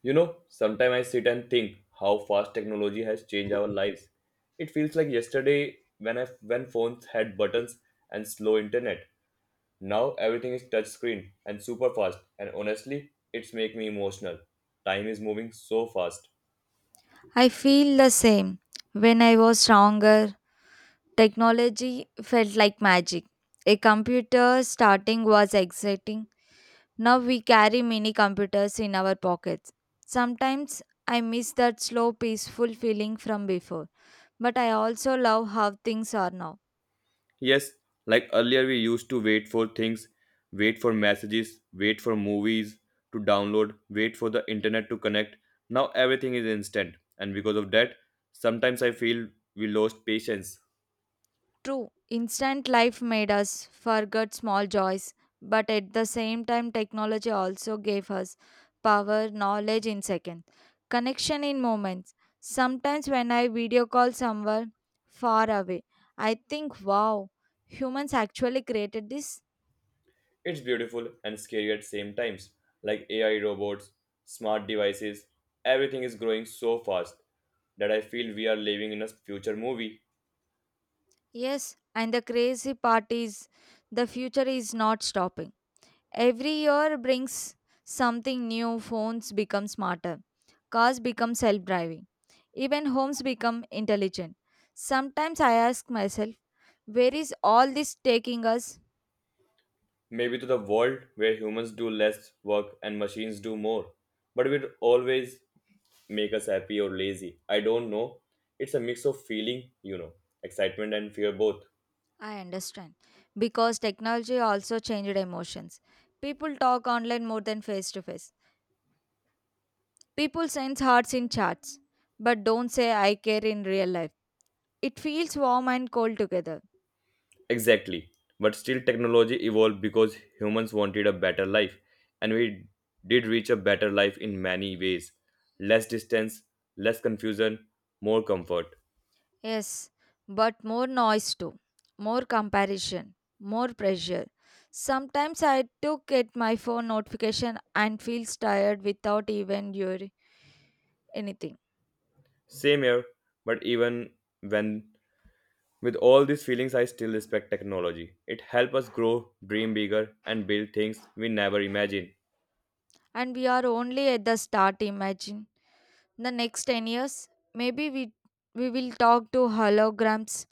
You know, sometimes I sit and think how fast technology has changed our lives. It feels like yesterday when phones had buttons and slow internet. Now everything is touch screen and super fast, and honestly, it's make me emotional. Time is moving so fast. I feel the same. When I was younger, technology felt like magic. A computer starting was exciting. Now we carry mini computers in our pockets. Sometimes I miss that slow, peaceful feeling from before, but I also love how things are now. Yes, like earlier we used to wait for things, wait for messages, wait for movies to download, wait for the internet to connect. Now everything is instant, and because of that, sometimes I feel we lost patience. True, instant life made us forget small joys, but at the same time, technology also gave us power, knowledge in seconds, connection in moments. Sometimes, when I video call someone far away, I think, wow, humans actually created this? It's beautiful and scary at same times. Like AI robots, smart devices, everything is growing so fast that I feel we are living in a future movie. Yes, and the crazy part is the future is not stopping. Every year brings something new. Phones become smarter, cars become self driving, even homes become intelligent. Sometimes I ask myself, where is all this taking us? Maybe to the world where humans do less work and machines do more. But it will always make us happy or lazy. I don't know. It's a mix of feeling, excitement and fear both. I understand because technology also changed emotions. People talk online more than face to face. People send hearts in chats but don't say I care in real life. It feels warm and cold together. Exactly. But still, technology evolved because humans wanted a better life, and we did reach a better life in many ways, less distance, less confusion, more comfort. Yes, but more noise too, more comparison, more pressure. Sometimes I took at my phone notification and feels tired without even doing anything. Same here, but even when with all these feelings, I still respect technology. It helps us grow, dream bigger, and build things we never imagined. And we are only at the start, imagine. The next 10 years, maybe we will talk to holograms,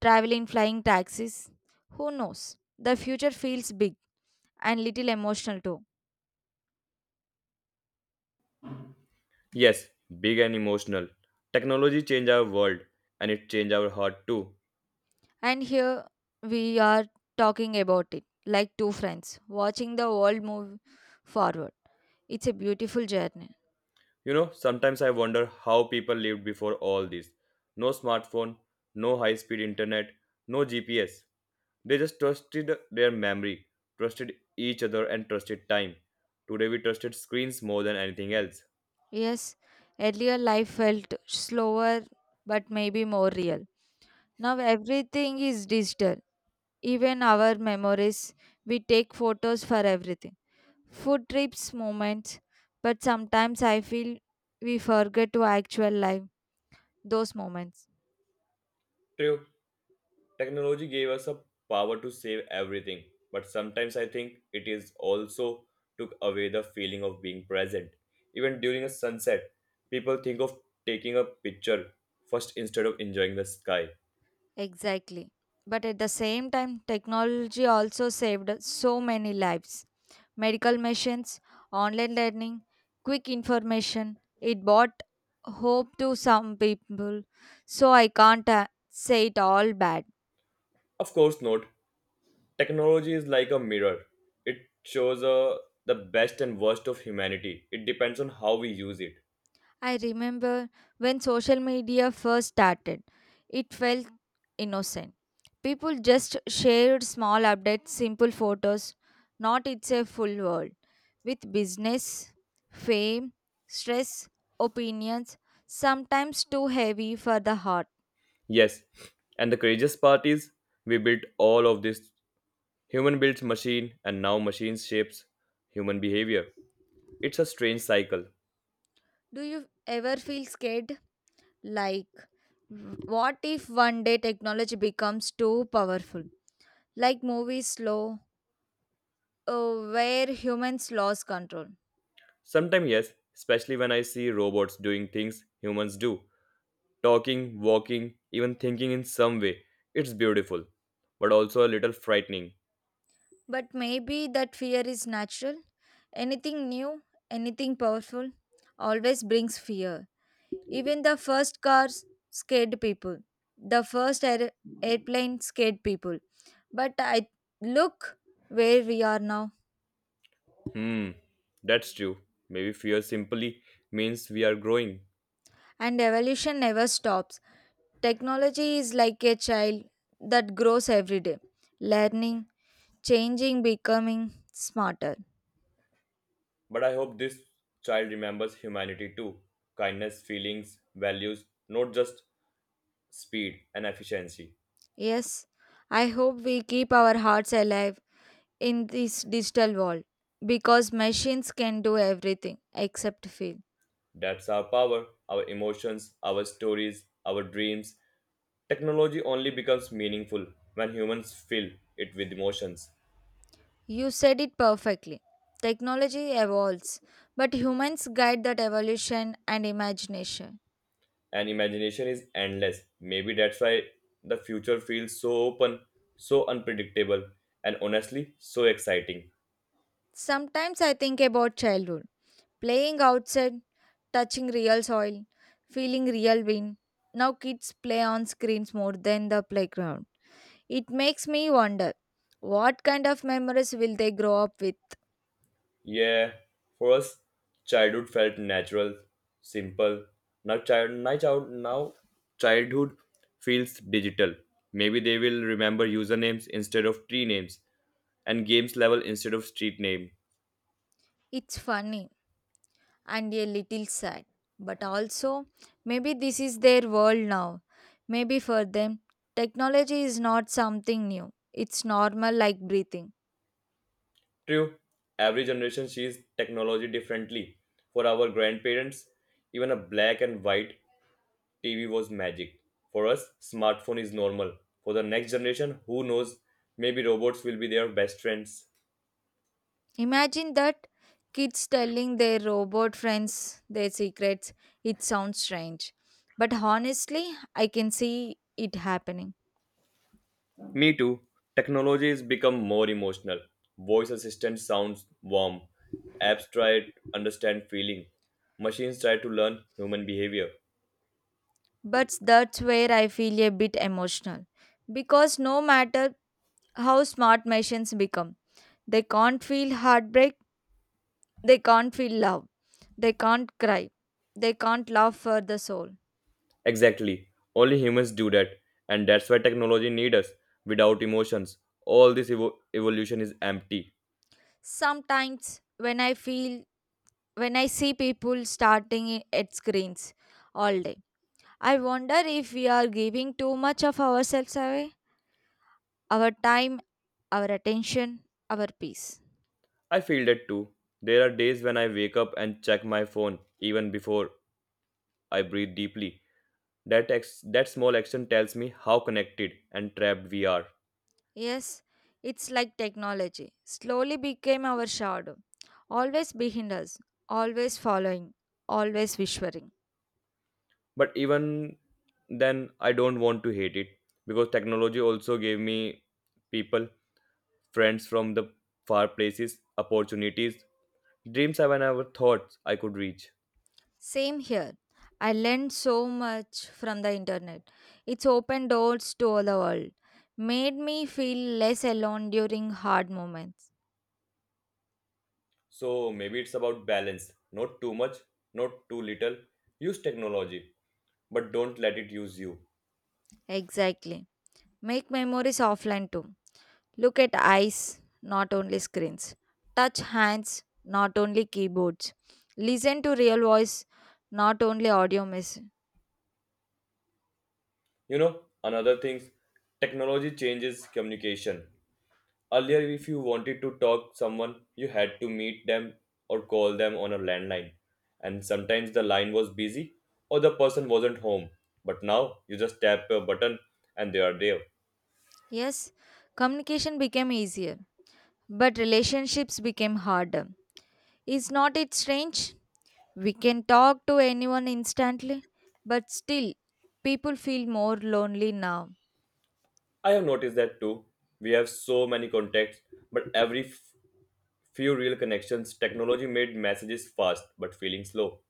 travel in flying taxis. Who knows? The future feels big and little emotional too. Yes, big and emotional. Technology changed our world, and it changed our heart too. And here we are talking about it like two friends watching the world move forward. It's a beautiful journey. You know, sometimes I wonder how people lived before all this. No smartphone, no high speed internet, no GPS. They just trusted their memory, trusted each other, and trusted time. Today we trusted screens more than anything else. Yes, earlier life felt slower but maybe more real. Now everything is digital. Even our memories, we take photos for everything. Food trips, moments, but sometimes I feel we forget to actual life those moments. True, technology gave us a power to save everything, but sometimes I think it is also took away the feeling of being present. Even during a sunset, people think of taking a picture first instead of enjoying the sky. Exactly. But at the same time, technology also saved so many lives. Medical machines, online learning, quick information. It brought hope to some people. So I can't say it all bad. Of course not. Technology is like a mirror. It shows the best and worst of humanity. It depends on how we use it. I remember when social media first started, it felt innocent. People just shared small updates, simple photos, not it's a full world. With business, fame, stress, opinions, sometimes too heavy for the heart. Yes, and the courageous part is we built all of this. Human builds machine, and now machines shapes human behavior. It's a strange cycle. Do you ever feel scared? Like, what if one day technology becomes too powerful? Like movies slow, where humans lost control. Sometimes yes, especially when I see robots doing things humans do, talking, walking, even thinking in some way. It's beautiful, but also a little frightening. But maybe that fear is natural. Anything new, anything powerful, always brings fear. Even the first cars scared people. The first airplane scared people. But I look where we are now, Hmm, that's true. Maybe fear simply means we are growing. and evolution never stops. Technology is like a child that grows every day, learning, changing, becoming smarter. But I hope this child remembers humanity too, kindness, feelings, values, not just speed and efficiency. Yes, I hope we keep our hearts alive in this digital world because machines can do everything except feel. That's our power, our emotions, our stories, our dreams. Technology only becomes meaningful when humans fill it with emotions. You said it perfectly. Technology evolves, but humans guide that evolution and imagination. And imagination is endless. Maybe that's why the future feels so open, so unpredictable, and honestly, so exciting. Sometimes I think about childhood, playing outside, touching real soil, feeling real wind. Now kids play on screens more than the playground. It makes me wonder what kind of memories will they grow up with? Yeah, for us, childhood felt natural, simple. Now, childhood feels digital. Maybe they will remember usernames instead of tree names and games level instead of street name. It's funny and a little sad. But also, maybe this is their world now. Maybe for them, technology is not something new, it's normal like breathing. True, every generation sees technology differently. For our grandparents, even a black and white TV was magic. For us, smartphone is normal. For the next generation, who knows? Maybe robots will be their best friends. Imagine that kids telling their robot friends their secrets. It sounds strange, but honestly, I can see it happening. Me too. Technology has become more emotional. Voice assistant sounds warm. Apps try to understand feeling. Machines try to learn human behavior. But that's where I feel a bit emotional because no matter how smart machines become, they can't feel heartbreak. They can't feel love. They can't cry. They can't love for the soul. Exactly. Only humans do that. And that's why technology needs us. Without emotions, all this evolution is empty. Sometimes when I feel when I see people starting at screens all day, I wonder if we are giving too much of ourselves away, our time, our attention, our peace. I feel that too. There are days when I wake up and check my phone even before I breathe deeply. That small action tells me how connected and trapped we are. Yes, it's like technology slowly became our shadow, always behind us, always following, always whispering. But even then, I don't want to hate it because technology also gave me people, friends from the far places, opportunities, dreams I never thought I could reach. Same here. I learned so much from the internet. It's opened doors to all the world, made me feel less alone during hard moments. So maybe it's about balance, not too much, not too little. Use technology, but don't let it use you. Exactly. Make memories offline too. Look at eyes, not only screens. Touch hands, not only keyboards. Listen to real voice, not only audio message. You know, another things, technology changes communication. Earlier, if you wanted to talk someone, you had to meet them or call them on a landline. And sometimes the line was busy or the person wasn't home. But now you just tap a button and they are there. Yes, communication became easier, but relationships became harder. Is not it strange? We can talk to anyone instantly, but still, people feel more lonely now. I have noticed that too. We have so many contacts, but few real connections, technology made messages fast but feeling slow.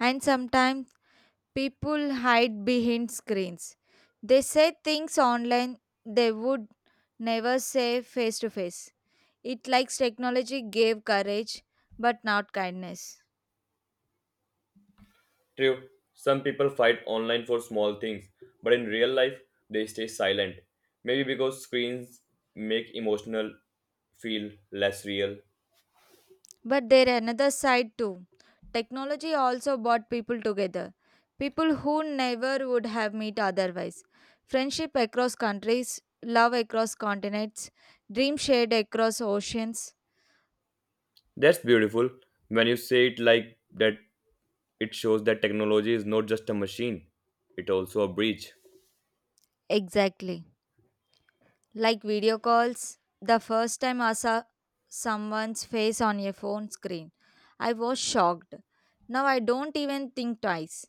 And sometimes people hide behind screens. They say things online they would never say face to face. It likes technology gave courage, but not kindness. True, some people fight online for small things, but in real life, they stay silent. Maybe because screens make emotional feel less real. But there another side too. Technology also brought people together. People who never would have met otherwise. Friendship across countries, love across continents, dreams shared across oceans. That's beautiful. When you say it like that, it shows that technology is not just a machine, it also a bridge. Exactly. Like video calls, the first time I saw someone's face on a phone screen, I was shocked. Now I don't even think twice.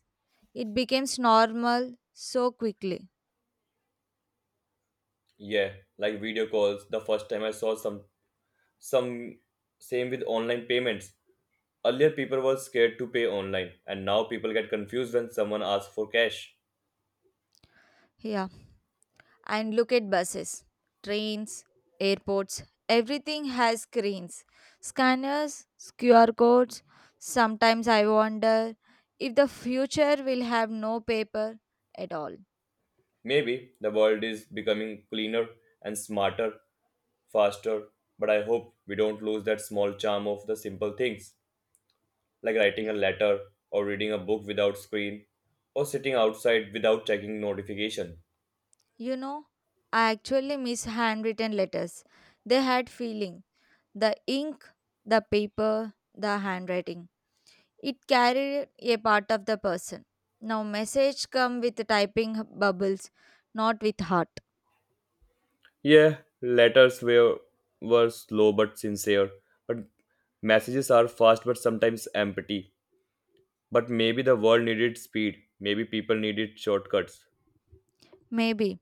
It becomes normal so quickly. Yeah, like video calls. The first time I saw some same with online payments. Earlier people were scared to pay online and now people get confused when someone asks for cash. Yeah. And look at buses, trains, airports, everything has screens, scanners, QR codes. Sometimes I wonder if the future will have no paper at all. Maybe the world is becoming cleaner and smarter, faster, but I hope we don't lose that small charm of the simple things, like writing a letter or reading a book without screen or sitting outside without checking notification. You know, I actually miss handwritten letters. They had feeling. The ink, the paper, the handwriting. It carried a part of the person. Now message come with typing bubbles, not with heart. Yeah, letters were slow but sincere, but messages are fast but sometimes empty. But maybe the world needed speed, maybe people needed shortcuts. Maybe,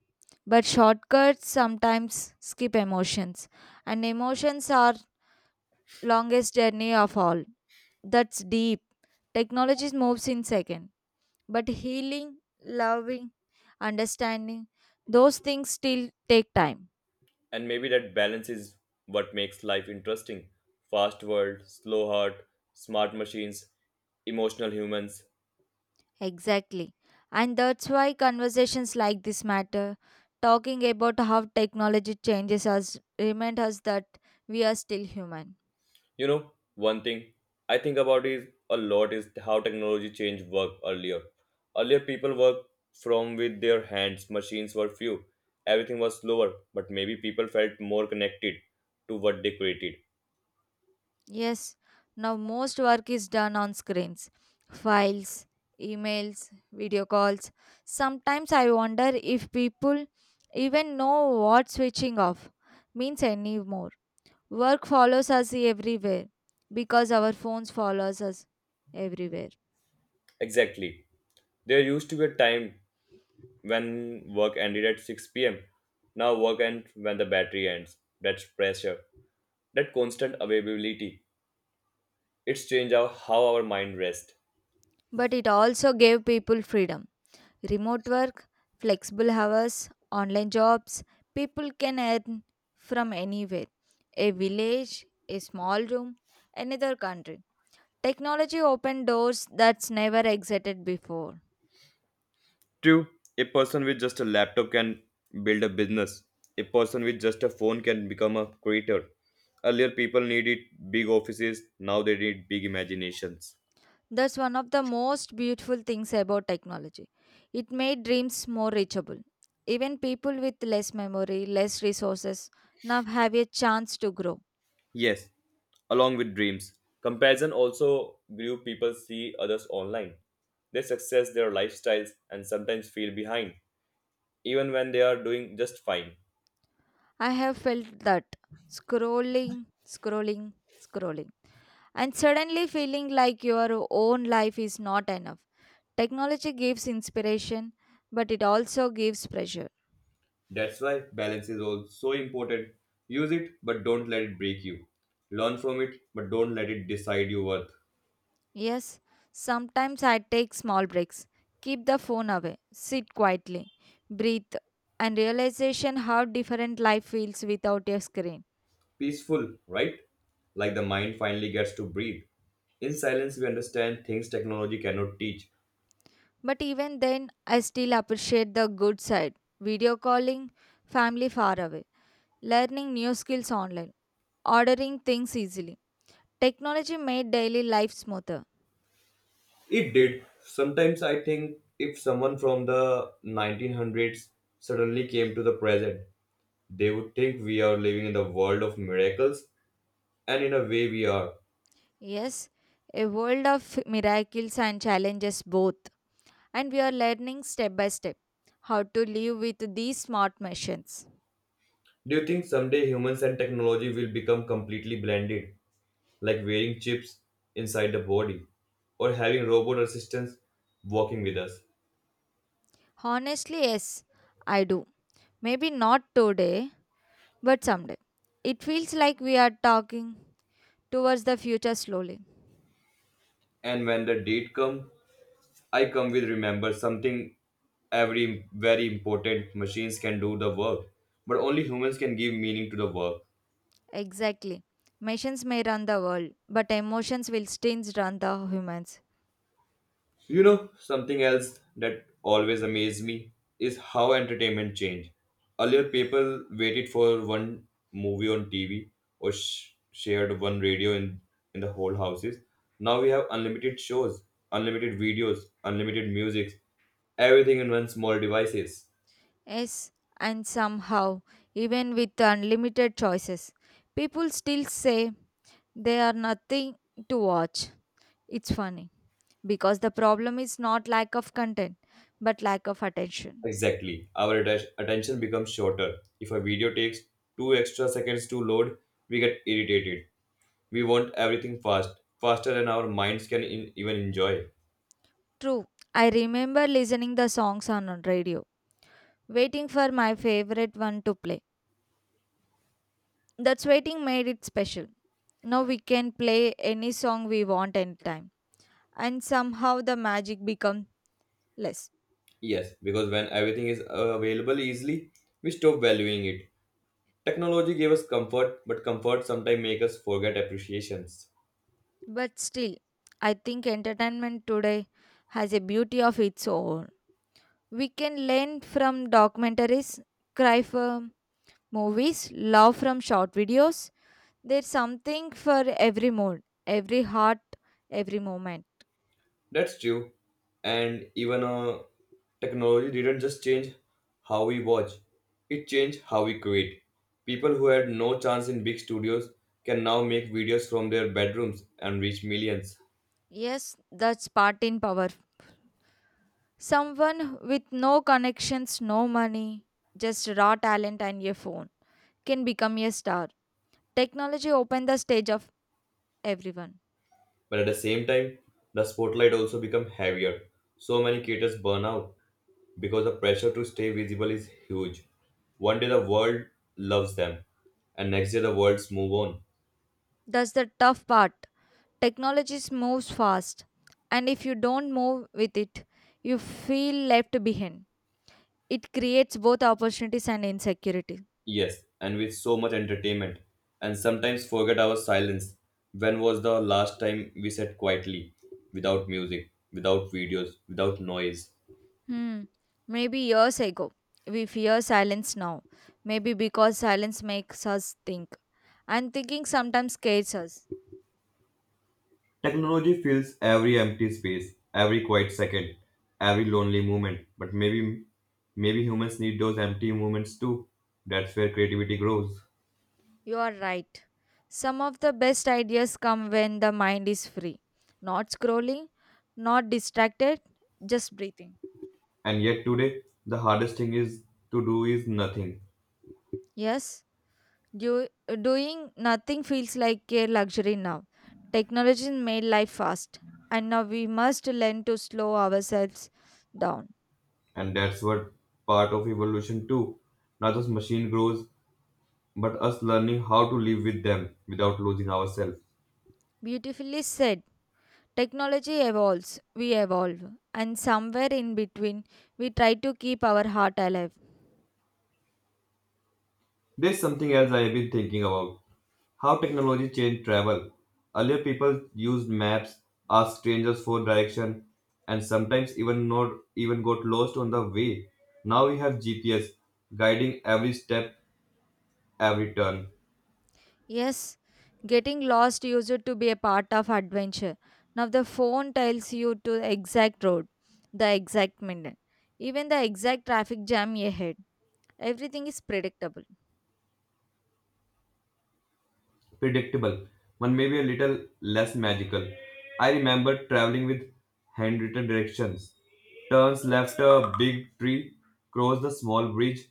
but shortcuts sometimes skip emotions, and emotions are longest journey of all. That's deep. Technology moves in second, but healing, loving, understanding, those things still take time. And maybe that balance is what makes life interesting. Fast world, slow heart, smart machines, emotional humans. Exactly. And that's why conversations like this matter, talking about how technology changes us, remind us that we are still human. You know, one thing I think about is a lot is how technology changed work earlier. Earlier people worked from with their hands, machines were few. Everything was slower, but maybe people felt more connected to what they created. Yes, now most work is done on screens, files, emails, video calls. Sometimes I wonder if people even know what switching off means anymore. Work follows us everywhere because our phones follows us everywhere. Exactly. There used to be a time when work ended at 6 pm. Now work ends when the battery ends. That's pressure. That constant availability. It's changed our, how our mind rests. But it also gave people freedom. Remote work, flexible hours, online jobs, people can earn from anywhere a village, a small room, another country. Technology opened doors that's never existed before. True, a person with just a laptop can build a business. A person with just a phone can become a creator. Earlier, people needed big offices. Now they need big imaginations. That's one of the most beautiful things about technology. It made dreams more reachable. Even people with less memory, less resources now have a chance to grow. Yes, along with dreams. Comparison also grew people see others online, their success their lifestyles and sometimes feel behind, even when they are doing just fine. I have felt that scrolling, scrolling, scrolling, and suddenly feeling like your own life is not enough. Technology gives inspiration, but it also gives pressure. That's why balance is also important. Use it, but don't let it break you. Learn from it, but don't let it decide your worth. Yes, sometimes I take small breaks. Keep the phone away, sit quietly, breathe, and realization how different life feels without a screen. Peaceful, right? Like the mind finally gets to breathe. In silence, we understand things technology cannot teach. But even then, I still appreciate the good side video calling, family far away, learning new skills online, ordering things easily. Technology made daily life smoother. It did. Sometimes I think if someone from the 1900s suddenly came to the present, they would think we are living in the world of miracles, and in a way, we are. Yes, a world of miracles and challenges both. And we are learning step by step how to live with these smart machines. Do you think someday humans and technology will become completely blended, like wearing chips inside the body, or having robot assistants walking with us? Honestly, yes, I do. Maybe not today, but someday. It feels like we are talking towards the future slowly. And when the date come, I come with remember something, every very important machines can do the work, but only humans can give meaning to the work. Exactly. Machines may run the world, but emotions will still run the humans. You know, something else that always amazed me is how entertainment changed. Earlier, people waited for one movie on TV or shared one radio in the whole houses. Now we have unlimited shows, unlimited videos, unlimited music, everything in one small devices. Yes, and somehow, even with unlimited choices, people still say they are nothing to watch. It's funny because the problem is not lack of content but lack of attention. Exactly. Our attention becomes shorter. If a video takes two extra seconds to load, we get irritated. We want everything fast, faster than our minds can even enjoy. True. I remember listening the songs on radio, waiting for my favorite one to play. That's waiting made it special. Now we can play any song we want anytime and somehow the magic becomes less. Yes, because when everything is available easily, we stop valuing it. Technology gave us comfort, but comfort sometimes make us forget appreciations. But still, I think entertainment today has a beauty of its own. We can learn from documentaries, cry for movies, love from short videos. There's something for every mood, every heart, every moment. That's true. And even technology didn't just change how we watch, it changed how we create. People who had no chance in big studios can now make videos from their bedrooms and reach millions. Yes, that's part in power. Someone with no connections, no money, just raw talent and a phone can become a star. Technology opened the stage of everyone. But at the same time, the spotlight also become heavier. So many creators burn out because the pressure to stay visible is huge. One day the world loves them, and next day the worlds move on. That's the tough part. Technology moves fast, and if you don't move with it, you feel left behind. It creates both opportunities and insecurity. Yes, and with so much entertainment, and sometimes forget our silence. When was the last time we sat quietly, without music, without videos, without noise? Hmm. Maybe years ago, we fear silence now. Maybe because silence makes us think. And thinking sometimes scares us. Technology fills every empty space, every quiet second, every lonely moment. But maybe, maybe humans need those empty moments too. That's where creativity grows. You are right. Some of the best ideas come when the mind is free. Not scrolling, not distracted, just breathing. And yet today, the hardest thing is to do is nothing. Yes, do, doing nothing feels like a luxury now. Technology made life fast. And now we must learn to slow ourselves down. And that's what part of evolution too. Not just machine grows, but us learning how to live with them without losing ourselves. Beautifully said. Technology evolves, we evolve, and somewhere in between, we try to keep our heart alive. There's something else I have been thinking about. How technology changed travel. Earlier people used maps, asked strangers for direction, and sometimes even not even got lost on the way. Now we have GPS guiding every step, every turn. Yes, getting lost used to be a part of adventure. Now the phone tells you to the exact road, the exact minute, even the exact traffic jam ahead. Everything is predictable. Predictable, one may be a little less magical. I remember traveling with handwritten directions. Turns left a big tree, cross the small bridge,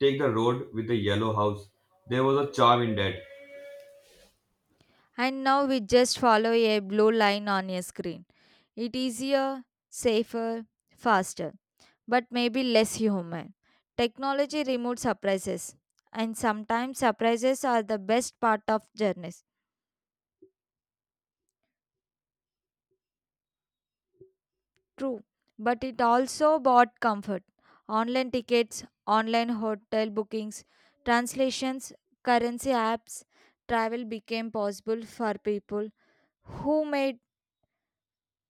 take the road with the yellow house. There was a charm in that. And now we just follow a blue line on a screen. It is easier, safer, faster, but maybe less human. Technology removes surprises, and sometimes surprises are the best part of journeys. True, but it also brought comfort. Online tickets, online hotel bookings, translations, currency apps, travel became possible for people who made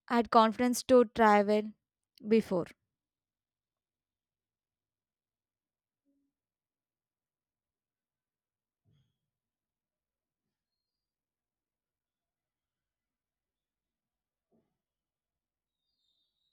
had confidence to travel before.